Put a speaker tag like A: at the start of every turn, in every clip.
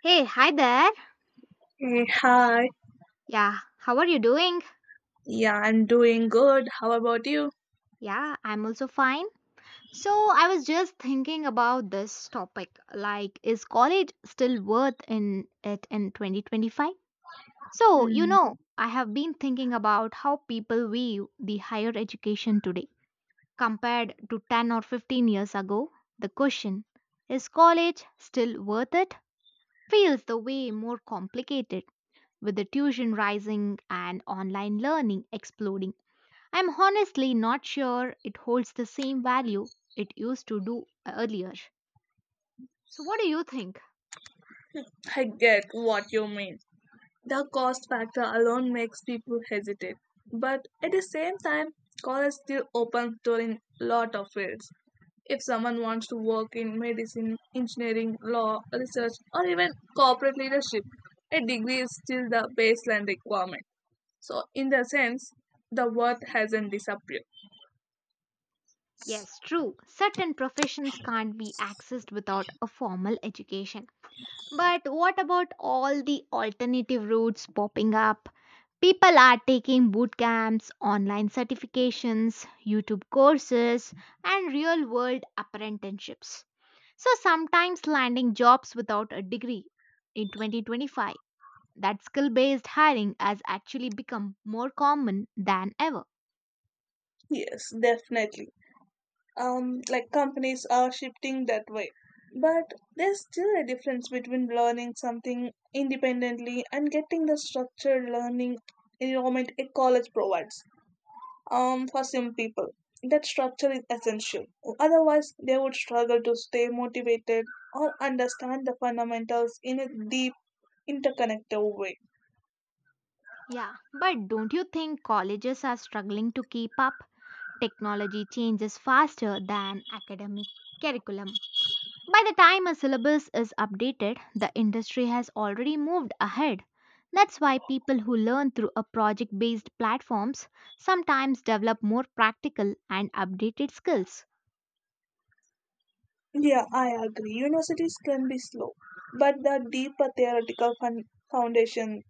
A: Hey, hi there.
B: Hey, hi.
A: Yeah, how are you doing?
B: Yeah, I'm doing good. How about you?
A: Yeah, I'm also fine. So, I was just thinking about this topic like, is college still worth in it in 2025? So, you
B: Hmm.
A: know, I have been thinking about how people view the higher education today compared to 10 or 15 years ago. The question, is college still worth it? Feels the way more complicated with the tuition rising and online learning exploding. I'm honestly not sure it holds the same value it used to do earlier. So, what do you think?
B: I get what you mean. The cost factor alone makes people hesitate. But at the same time, college still opens door in lot of fields. If someone wants to work in medicine, engineering, law, research, or even corporate leadership, a degree is still the baseline requirement. So, in the sense, the worth hasn't disappeared.
A: Yes, true, certain professions can't be accessed without a formal education. But what about all the alternative routes popping up? People are taking boot camps, online certifications, YouTube courses, and real world apprenticeships. So, sometimes landing jobs without a degree in 2025, that skill based hiring has actually become more common than ever.
B: Yes, definitely. Like companies are shifting that way. But there's still a difference between learning something independently and getting the structured learning environment a college provides. For some people, that structure is essential. Otherwise, they would struggle to stay motivated or understand the fundamentals in a deep, interconnected way.
A: Yeah, but don't you think colleges are struggling to keep up? Technology changes faster than academic curriculum. By the time a syllabus is updated, the industry has already moved ahead. That's why people who learn through a project based platforms sometimes develop more practical and updated skills.
B: Yeah, I agree. Universities can be slow, but the deeper theoretical foundation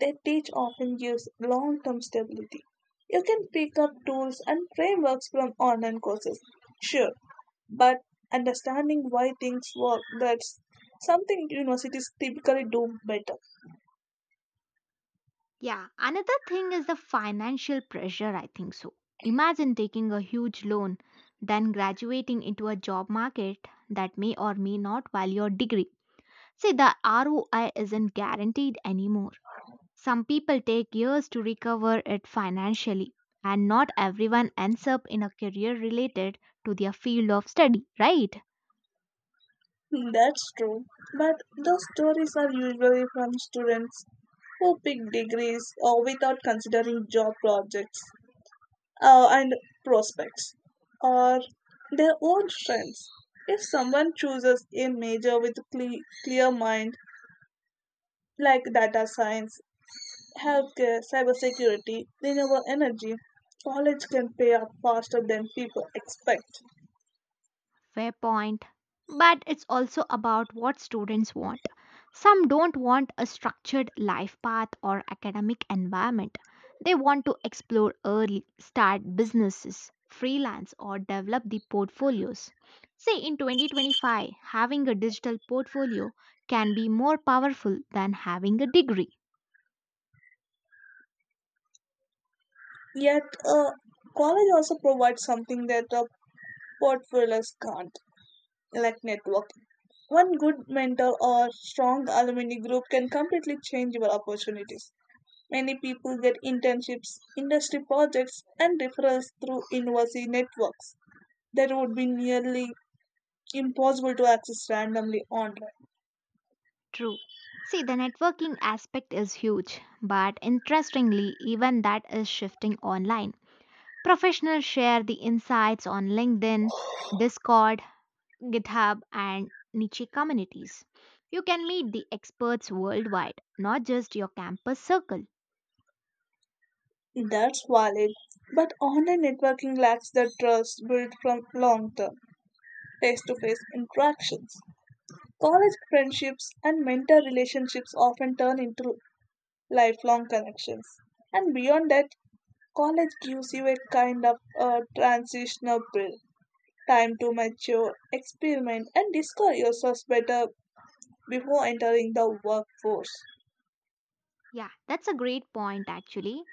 B: they teach often gives long term stability. You can pick up tools and frameworks from online courses, sure, but understanding why things work, that's something universities typically do better.
A: Yeah, another thing is the financial pressure, I think so. Imagine taking a huge loan, then graduating into a job market that may or may not value your degree. See, the ROI isn't guaranteed anymore. Some people take years to recover it financially, and not everyone ends up in a career related to their field of study, right?
B: That's true, but those stories are usually from students who pick degrees or without considering job projects. And prospects or their own strengths. If someone chooses a major with clear mind, like data science, healthcare, cybersecurity, renewable energy, college can pay off faster than people expect.
A: Fair point. But it's also about what students want. Some don't want a structured life path or academic environment. They want to explore early, start businesses, freelance, or develop the portfolios. Say in 2025, having a digital portfolio can be more powerful than having a degree.
B: Yet, college also provides something that portfolios can't, like networking. One good mentor or strong alumni group can completely change your opportunities. Many people get internships, industry projects, and referrals through university networks that would be nearly impossible to access randomly online.
A: True. See, the networking aspect is huge, but interestingly, even that is shifting online. Professionals share the insights on LinkedIn, Discord, GitHub, and niche communities. You can meet the experts worldwide, not just your campus circle.
B: That's valid, but online networking lacks the trust built from long term face to face interactions. College friendships and mentor relationships often turn into lifelong connections. And beyond that, college gives you a kind of a transitional break, time to mature, experiment, and discover yourself better before entering the workforce.
A: Yeah, that's a great point actually.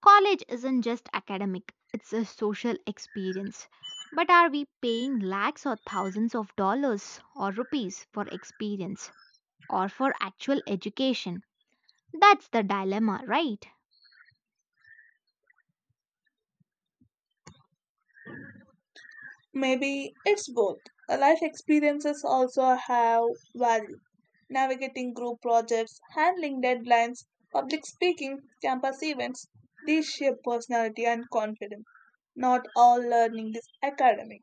A: College isn't just academic, it's a social experience. But are we paying lakhs or thousands of dollars or rupees for experience or for actual education? That's the dilemma, right?
B: Maybe it's both. Life experiences also have value. Navigating group projects, handling deadlines, public speaking, campus events, these shape personality and confidence. Not all learning is academic.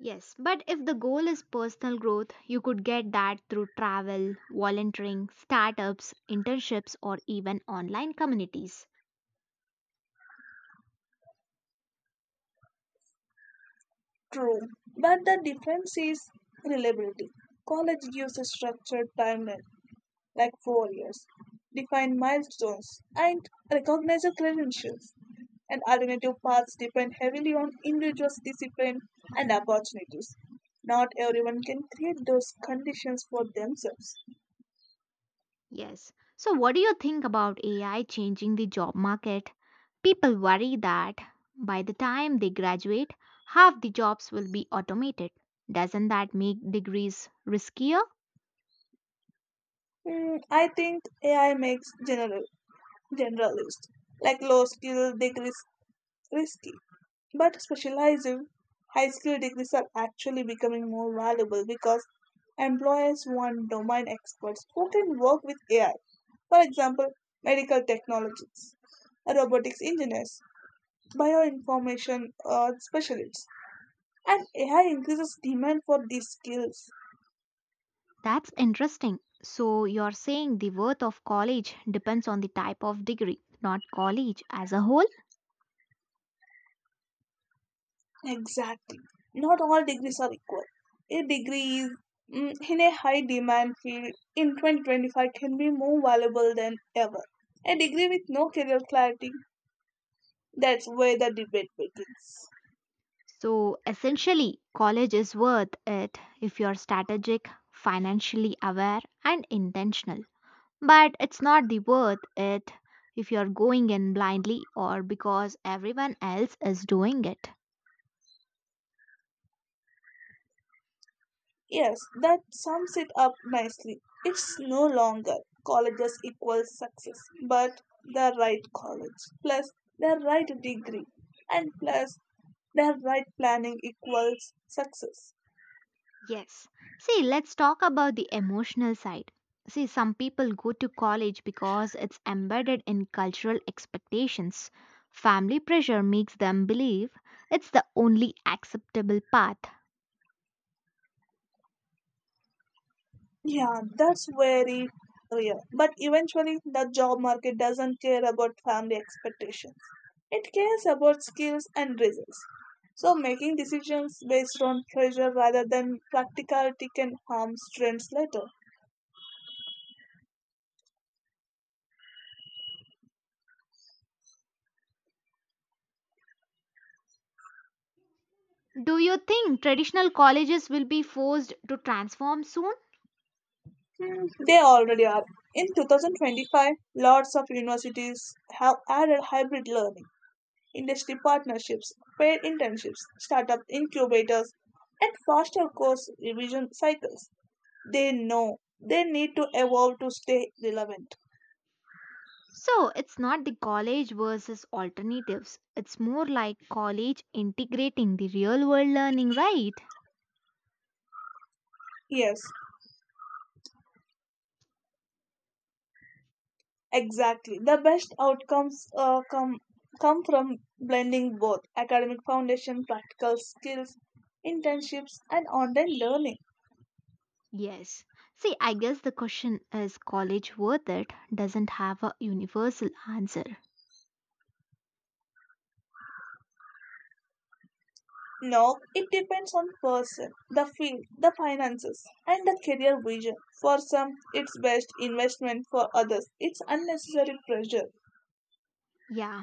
A: Yes, but if the goal is personal growth, you could get that through travel, volunteering, startups, internships, or even online communities.
B: True, but the difference is reliability. College gives a structured timeline, like 4 years, define milestones, and recognize your credentials. And alternative paths depend heavily on individuals' discipline and opportunities. Not everyone can create those conditions for themselves.
A: Yes. So, what do you think about AI changing the job market? People worry that by the time they graduate, half the jobs will be automated. Doesn't that make degrees riskier?
B: I think AI makes generalist like low skill degrees risky, but specializing high skill degrees are actually becoming more valuable because employers want domain experts who can work with AI. For example, medical technologists, robotics engineers, bioinformation specialists, and AI increases demand for these skills.
A: That's interesting. So, you're saying the worth of college depends on the type of degree, not college as a whole?
B: Exactly. Not all degrees are equal. A degree is, in a high demand field in 2025, can be more valuable than ever. A degree with no career clarity, that's where the debate begins.
A: So essentially, college is worth it if you're strategic, financially aware, and intentional. But it's not the worth it if you're going in blindly or because everyone else is doing it.
B: Yes, that sums it up nicely. It's no longer colleges equals success, but the right college plus the right degree and plus the right planning equals success.
A: Yes. See, let's talk about the emotional side. See, some people go to college because it's embedded in cultural expectations. Family pressure makes them believe it's the only acceptable path.
B: Yeah, that's very real. But eventually, the job market doesn't care about family expectations. It cares about skills and results. So, making decisions based on pressure rather than practicality can harm students later.
A: Do you think traditional colleges will be forced to transform soon?
B: Hmm, they already are. In 2025, lots of universities have added hybrid learning, industry partnerships, paid internships, startup incubators, and faster course revision cycles. They know they need to evolve to stay relevant.
A: So it's not the college versus alternatives. It's more like college integrating the real world learning, right?
B: Yes, exactly. The best outcomes come from blending both academic foundation, practical skills, internships, and online learning.
A: Yes. See, I guess the question is college worth it doesn't have a universal answer.
B: No, it depends on person, the field, the finances, and the career vision. For some, it's best investment. For others, it's unnecessary pressure.
A: Yeah.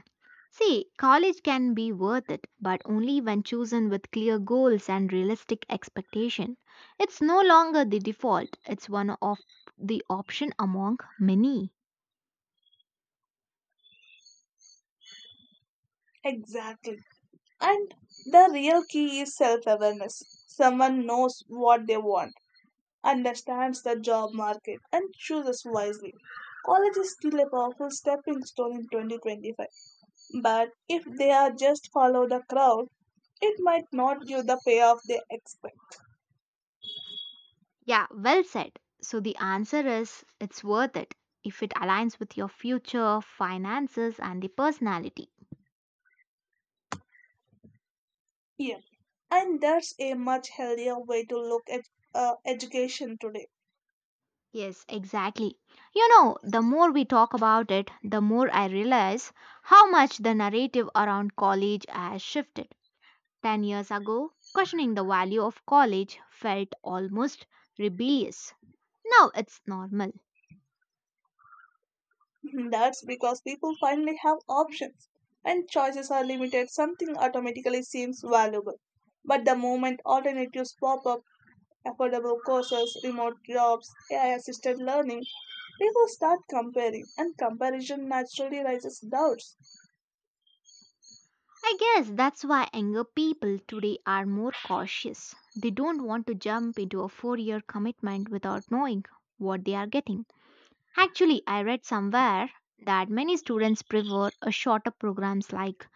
A: See, college can be worth it, but only when chosen with clear goals and realistic expectation. It's no longer the default, it's one of the option among many.
B: Exactly. And the real key is self awareness. Someone knows what they want, understands the job market, and chooses wisely. College is still a powerful stepping stone in 2025, but if they are just follow the crowd, it might not give the payoff they expect.
A: Yeah, well said. So the answer is it's worth it if it aligns with your future, finances and the personality.
B: Yeah, and that's a much healthier way to look at education today.
A: Yes, exactly. You know, the more we talk about it, the more I realize how much the narrative around college has shifted. 10 years ago, questioning the value of college felt almost rebellious. Now it's normal.
B: That's because people finally have options and choices are limited, something automatically seems valuable. But the moment alternatives pop up, affordable courses, remote jobs, AI assisted learning, people start comparing, and comparison naturally raises doubts.
A: I guess that's why younger people today are more cautious. They don't want to jump into a 4 year commitment without knowing what they are getting. Actually, I read somewhere that many students prefer a shorter programs like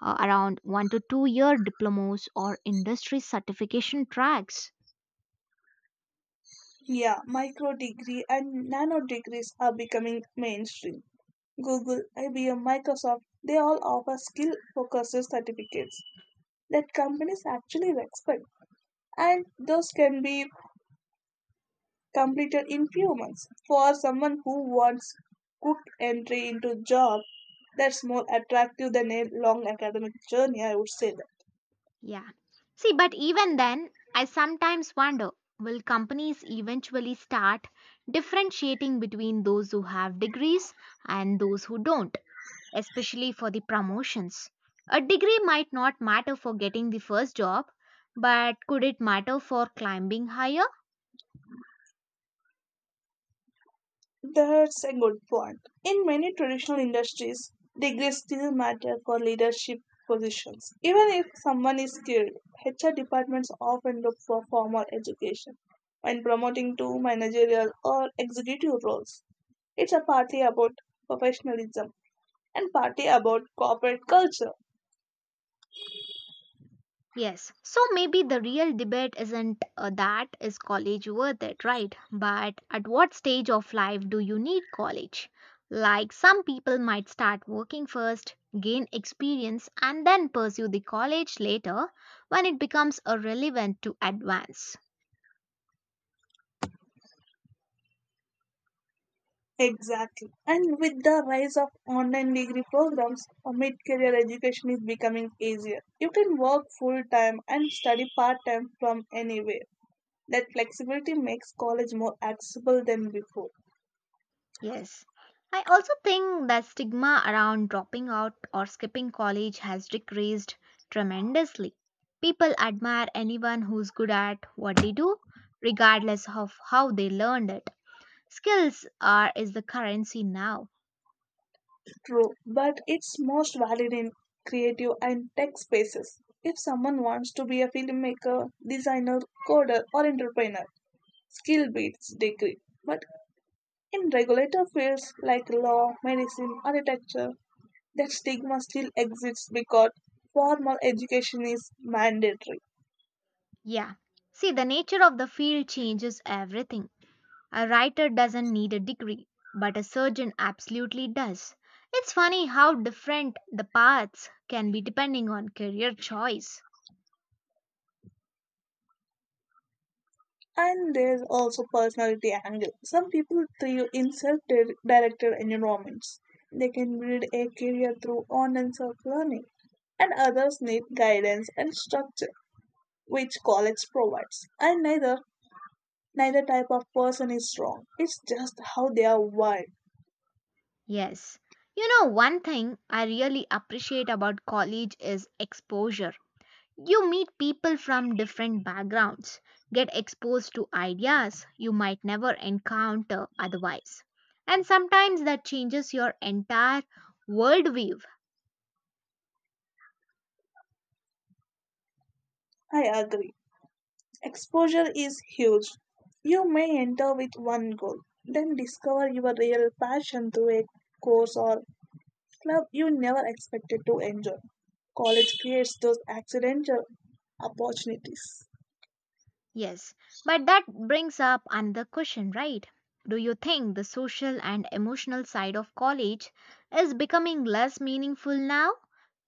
A: around 1 to 2 year diplomas or industry certification tracks.
B: Yeah, micro degree and nano degrees are becoming mainstream. Google, IBM, Microsoft, they all offer skill focused certificates that companies actually respect. And those can be completed in few months. For someone who wants quick entry into job, that's more attractive than a long academic journey, I would say that.
A: Yeah. See, but even then, I sometimes wonder will companies eventually start differentiating between those who have degrees and those who don't, especially for the promotions? A degree might not matter for getting the first job, but could it matter for climbing higher?
B: That's a good point. In many traditional industries, degrees still matter for leadership positions. Even if someone is skilled, HR departments often look for formal education when promoting to managerial or executive roles. It's a partly about professionalism and partly about corporate culture.
A: Yes, so maybe the real debate isn't that is college worth it, right? But at what stage of life do you need college? Like some people might start working first, gain experience, and then pursue the college later when it becomes relevant to advance.
B: Exactly. And with the rise of online degree programs, mid career education is becoming easier. You can work full time and study part time from anywhere. That flexibility makes college more accessible than before.
A: Yes. I also think that stigma around dropping out or skipping college has decreased tremendously. People admire anyone who's good at what they do, regardless of how they learned it. Skills are is the currency now.
B: True, but it's most valid in creative and tech spaces. If someone wants to be a filmmaker, designer, coder, or entrepreneur, skill beats degree. But in regulator fields like law, medicine, architecture, that stigma still exists because formal education is mandatory.
A: Yeah. See, the nature of the field changes everything. A writer doesn't need a degree, but a surgeon absolutely does. It's funny how different the paths can be depending on career choice.
B: And there's also personality angle. Some people thrive in self-directed environments. They can build a career through online self-learning, and others need guidance and structure, which college provides. And neither type of person is wrong. It's just how they are wired.
A: Yes. You know, one thing I really appreciate about college is exposure. You meet people from different backgrounds, get exposed to ideas you might never encounter otherwise. And sometimes that changes your entire worldview.
B: I agree. Exposure is huge. You may enter with one goal, then discover your real passion through a course or club you never expected to enjoy. College creates those accidental opportunities.
A: Yes, but that brings up another question, right? Do you think the social and emotional side of college is becoming less meaningful now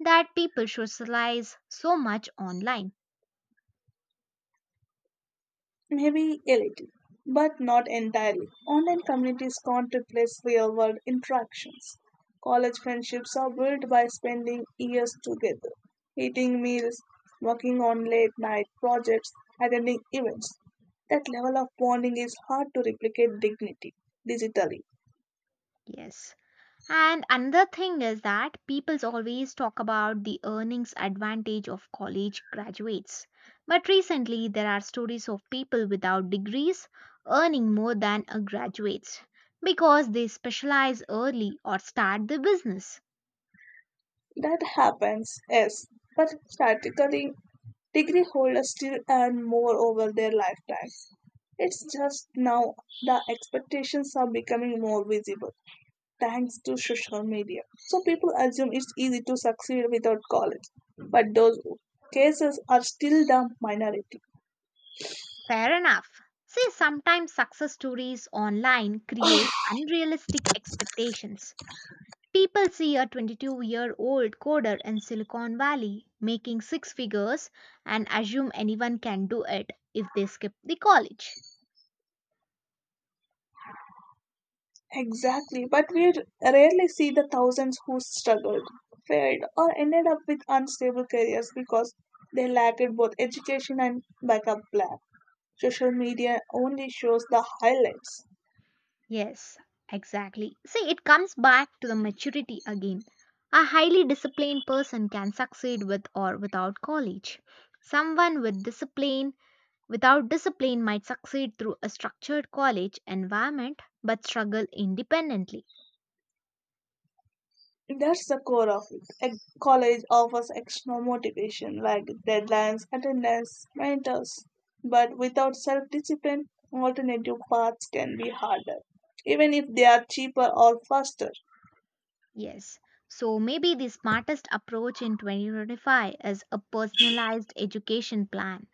A: that people socialize so much online?
B: Maybe a little, but not entirely. Online communities can't replace real world interactions. College friendships are built by spending years together, eating meals, working on late night projects, attending events. That level of bonding is hard to replicate dignity digitally.
A: Yes. And another thing is that people's always talk about the earnings advantage of college graduates. But recently there are stories of people without degrees earning more than a graduates because they specialize early or start the business.
B: That happens, yes, but statically degree holders still earn more over their lifetime. It's just now the expectations are becoming more visible thanks to social media. So people assume it's easy to succeed without college, but those cases are still the minority.
A: Fair enough. See, sometimes success stories online create unrealistic expectations. People see a 22-year-old coder in Silicon Valley making six figures and assume anyone can do it if they skip the college.
B: Exactly, but we rarely see the thousands who struggled, failed, or ended up with unstable careers because they lacked both education and backup plan. Social media only shows the highlights.
A: Yes, exactly. See, it comes back to the maturity again. A highly disciplined person can succeed with or without college. Someone with discipline, without discipline, might succeed through a structured college environment but struggle independently.
B: That's the core of it. A college offers external motivation like deadlines, attendance, mentors. But without self discipline, alternative paths can be harder, even if they are cheaper or faster.
A: Yes. So maybe the smartest approach in 2025 is a personalized education plan.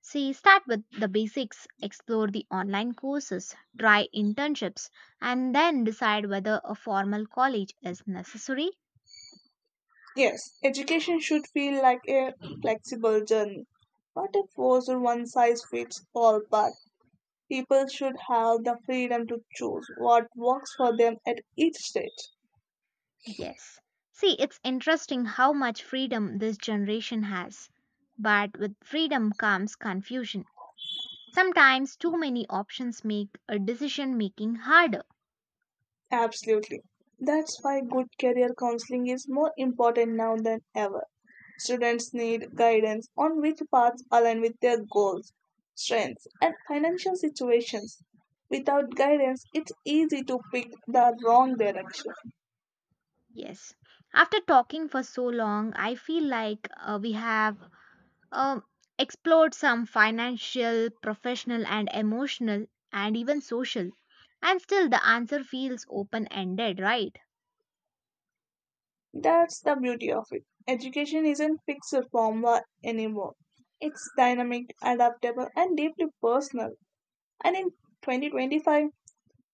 A: See, start with the basics, explore the online courses, try internships, and then decide whether a formal college is necessary.
B: Yes, education should feel like a flexible journey, not a forced one size fits all path. People should have the freedom to choose what works for them at each stage.
A: Yes. See, it's interesting how much freedom this generation has. But with freedom comes confusion. Sometimes too many options make a decision making harder.
B: Absolutely. That's why good career counseling is more important now than ever. Students need guidance on which paths align with their goals, strengths, and financial situations. Without guidance, it's easy to pick the wrong direction.
A: Yes. After talking for so long, I feel like we have uh, explored some financial, professional, and emotional, and even social. And still, the answer feels open ended, right?
B: That's the beauty of it. Education isn't fixed formula anymore. It's dynamic, adaptable, and deeply personal. And in 2025,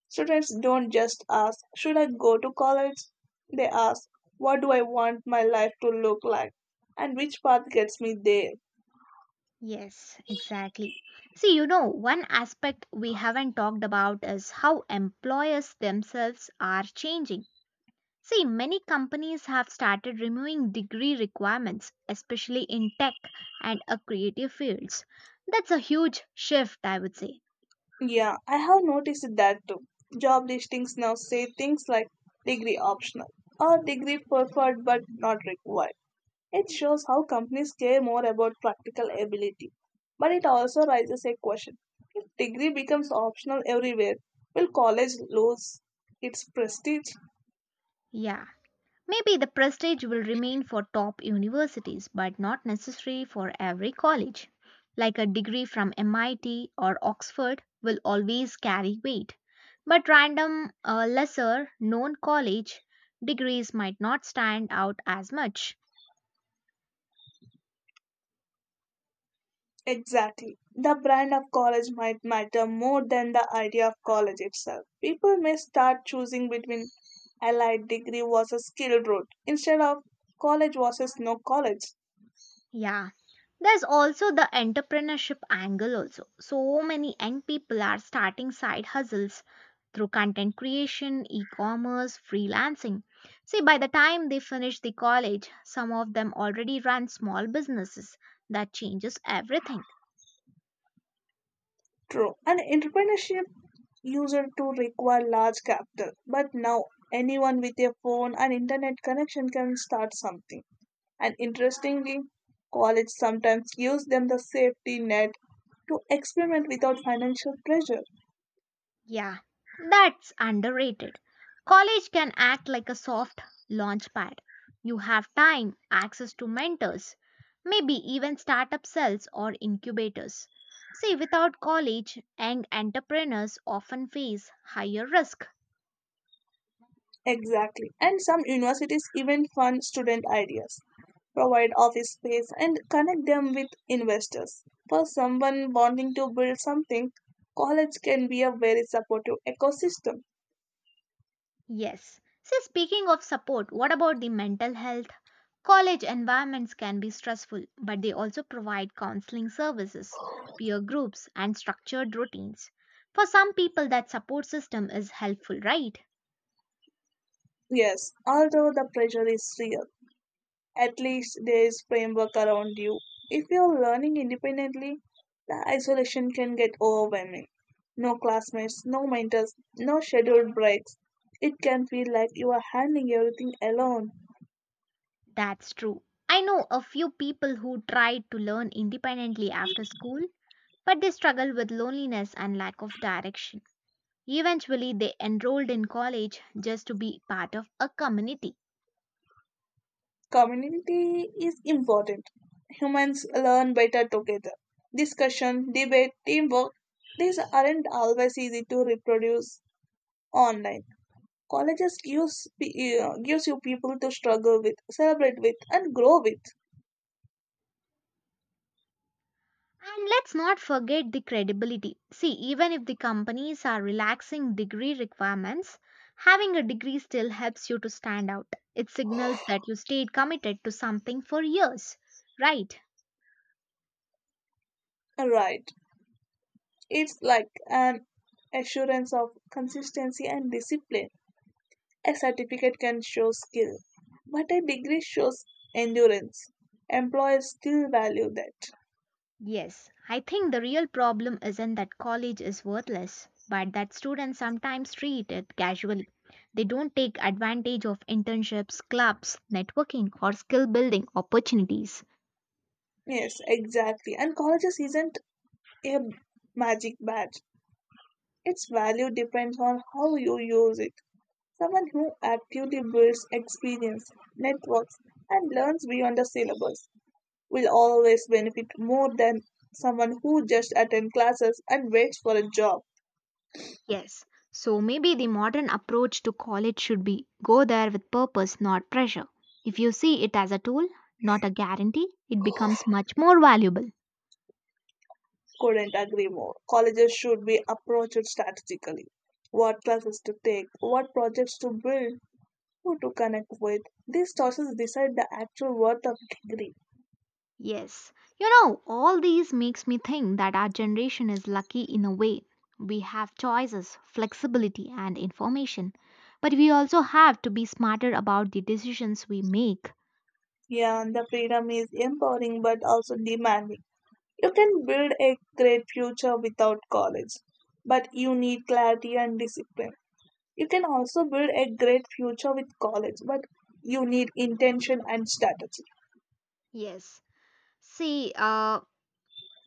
B: students don't just ask, Should I go to college? They ask, What do I want my life to look like? And which path gets me there?
A: Yes, exactly. See, you know, one aspect we haven't talked about is how employers themselves are changing. See, many companies have started removing degree requirements, especially in tech and creative fields. That's a huge shift, I would say.
B: Yeah, I have noticed that too. Job listings now say things like degree optional or degree preferred but not required. It shows how companies care more about practical ability. But it also raises a question, if degree becomes optional everywhere, will college lose its prestige?
A: Yeah. Maybe the prestige will remain for top universities, but not necessary for every college. Like a degree from MIT or Oxford will always carry weight. But random, lesser known college degrees might not stand out as much.
B: Exactly. The brand of college might matter more than the idea of college itself. People may start choosing between allied degree was a skilled route instead of college versus no college.
A: Yeah. There's also the entrepreneurship angle also. So many young people are starting side hustles through content creation, e-commerce, freelancing. See, by the time they finish the college, some of them already run small businesses. That changes everything.
B: True. And entrepreneurship used to require large capital, but now anyone with a phone and internet connection can start something. And interestingly, college sometimes gives them the safety net to experiment without financial pressure.
A: Yeah, that's underrated. College can act like a soft launch pad. You have time, access to mentors, maybe even startup cells or incubators. See, without college, young entrepreneurs often face higher risk.
B: Exactly. And some universities even fund student ideas, provide office space, and connect them with investors. For someone wanting to build something, college can be a very supportive ecosystem.
A: Yes. See, speaking of support, what about the mental health? College environments can be stressful, but they also provide counseling services, peer groups, and structured routines. For some people, that support system is helpful, right?
B: Yes, although the pressure is real, at least there is framework around you. If you're learning independently, the isolation can get overwhelming. No classmates, no mentors, no scheduled breaks. It can feel like you are handling everything alone.
A: That's true. I know a few people who tried to learn independently after school, but they struggled with loneliness and lack of direction. Eventually, they enrolled in college just to be part of a community.
B: Community is important. Humans learn better together. Discussion, debate, teamwork, these aren't always easy to reproduce online. Colleges gives, gives you people to struggle with, celebrate with, and grow with.
A: And let's not forget the credibility. See, even if the companies are relaxing degree requirements, having a degree still helps you to stand out. It signals that you stayed committed to something for years. Right?
B: Right. It's like an assurance of consistency and discipline. A certificate can show skill, but a degree shows endurance. Employers still value that.
A: Yes. I think the real problem isn't that college is worthless, but that students sometimes treat it casually. They don't take advantage of internships, clubs, networking, or skill building opportunities.
B: Yes, exactly. And colleges isn't a magic badge. Its value depends on how you use it. Someone who actively builds experience, networks, and learns beyond the syllabus will always benefit more than someone who just attends classes and waits for a job.
A: Yes, so maybe the modern approach to college should be go there with purpose, not pressure. If you see it as a tool, not a guarantee, it becomes much more valuable.
B: Couldn't agree more. Colleges should be approached strategically. What classes to take, what projects to build, who to connect with. These choices decide the actual worth of degree.
A: Yes, you know, all these makes me think that our generation is lucky in a way. We have choices, flexibility and information, but we also have to be smarter about the decisions we make.
B: Yeah, and the freedom is empowering but also demanding. You can build a great future without college, but you need clarity and discipline. You can also build a great future with college, but you need intention and strategy.
A: Yes. See,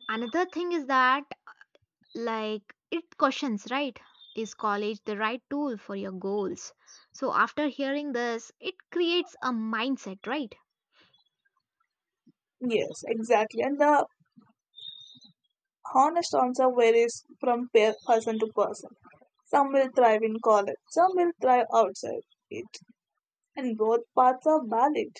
A: another thing is that like, it questions, right? Is college the right tool for your goals? So, after hearing this, it creates a mindset, right?
B: Yes, exactly. And the honest answer varies from person to person. Some will thrive in college, some will thrive outside it, and both paths are valid.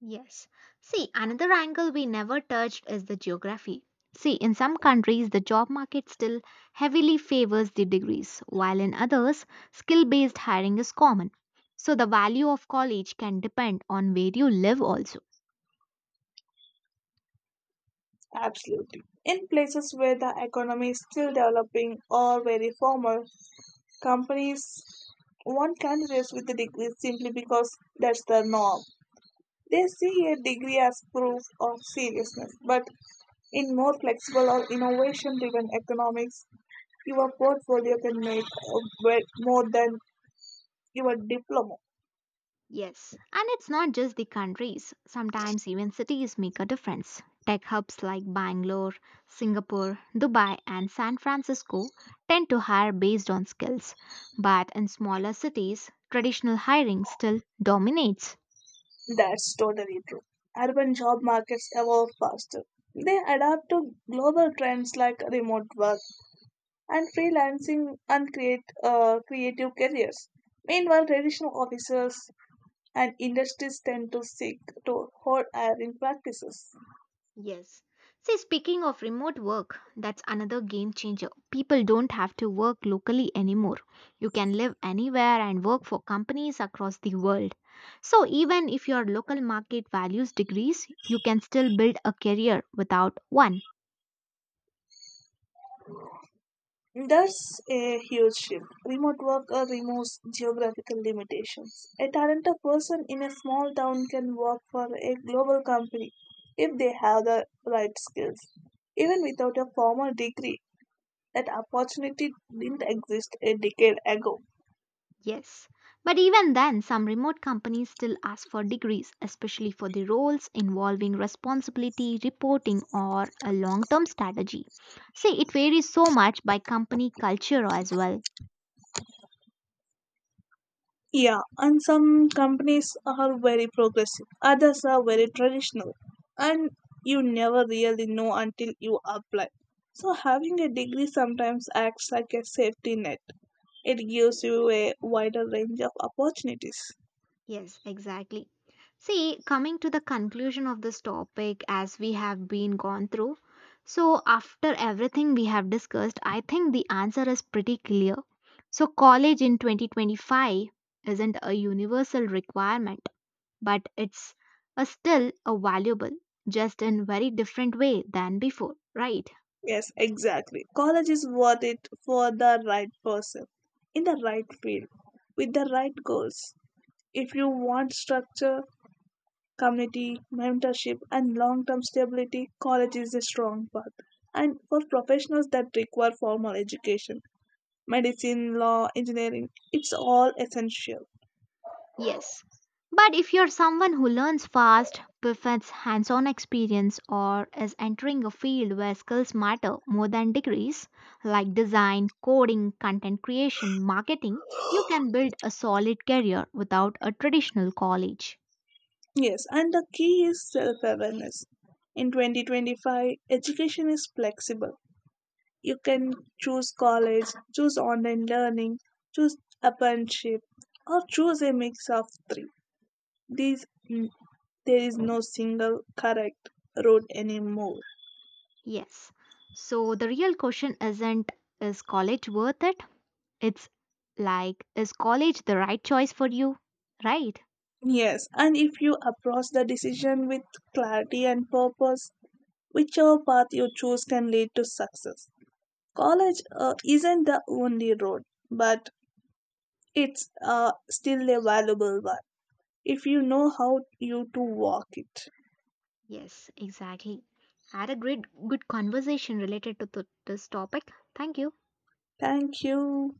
A: Yes. See, another angle we never touched is the geography. See, in some countries, the job market still heavily favors the degrees, while in others, skill based hiring is common. So, the value of college can depend on where you live also.
B: Absolutely. In places where the economy is still developing or very formal, companies want candidates with a degree simply because that's the norm. They see a degree as proof of seriousness, but in more flexible or innovation driven economics, your portfolio can make, more than your diploma.
A: Yes, and it's not just the countries, sometimes even cities make a difference. Tech hubs like Bangalore, Singapore, Dubai, and San Francisco tend to hire based on skills, but in smaller cities, traditional hiring still dominates.
B: That's totally true. Urban job markets evolve faster. They adapt to global trends like remote work, and freelancing and create creative careers. Meanwhile, traditional officers and industries tend to seek to hold hiring practices.
A: Yes. See, speaking of remote work, that's another game changer. People don't have to work locally anymore. You can live anywhere and work for companies across the world. So, even if your local market values degrees, you can still build a career without one.
B: That's a huge shift. Remote work removes geographical limitations. A talented person in a small town can work for a global company if they have the right skills. Even without a formal degree, that opportunity didn't exist a decade ago.
A: Yes. But even then, some remote companies still ask for degrees, especially for the roles involving responsibility, reporting, or a long term strategy. See, it varies so much by company culture as well.
B: Yeah, and some companies are very progressive, others are very traditional, and you never really know until you apply. So, having a degree sometimes acts like a safety net, it gives you a wider range of opportunities.
A: Yes, exactly. See, coming to the conclusion of this topic as we have been gone through, so after everything we have discussed, I think the answer is pretty clear. So, college in 2025 isn't a universal requirement, but it's a still a valuable, just in very different way than before, right?
B: Yes, exactly. College is worth it for the right person, in the right field, with the right goals. If you want structure, community, mentorship, and long term stability, college is a strong path. And for professionals that require formal education, medicine, law, engineering, it's all essential.
A: Yes. But if you're someone who learns fast, prefers hands on experience, or is entering a field where skills matter more than degrees, like design, coding, content creation, marketing, you can build a solid career without a traditional college.
B: Yes, and the key is self awareness. In 2025, education is flexible. You can choose college, choose online learning, choose apprenticeship, or choose a mix of three. These, mm, there is no single correct road anymore.
A: Yes. So the real question isn't is college worth it? It's like, is college the right choice for you? Right?
B: Yes, and if you approach the decision with clarity and purpose, whichever path you choose can lead to success. College isn't the only road, but it's still a valuable one if you know how you to walk it.
A: Yes, exactly. Had a great good conversation related to this topic. Thank you.
B: Thank you.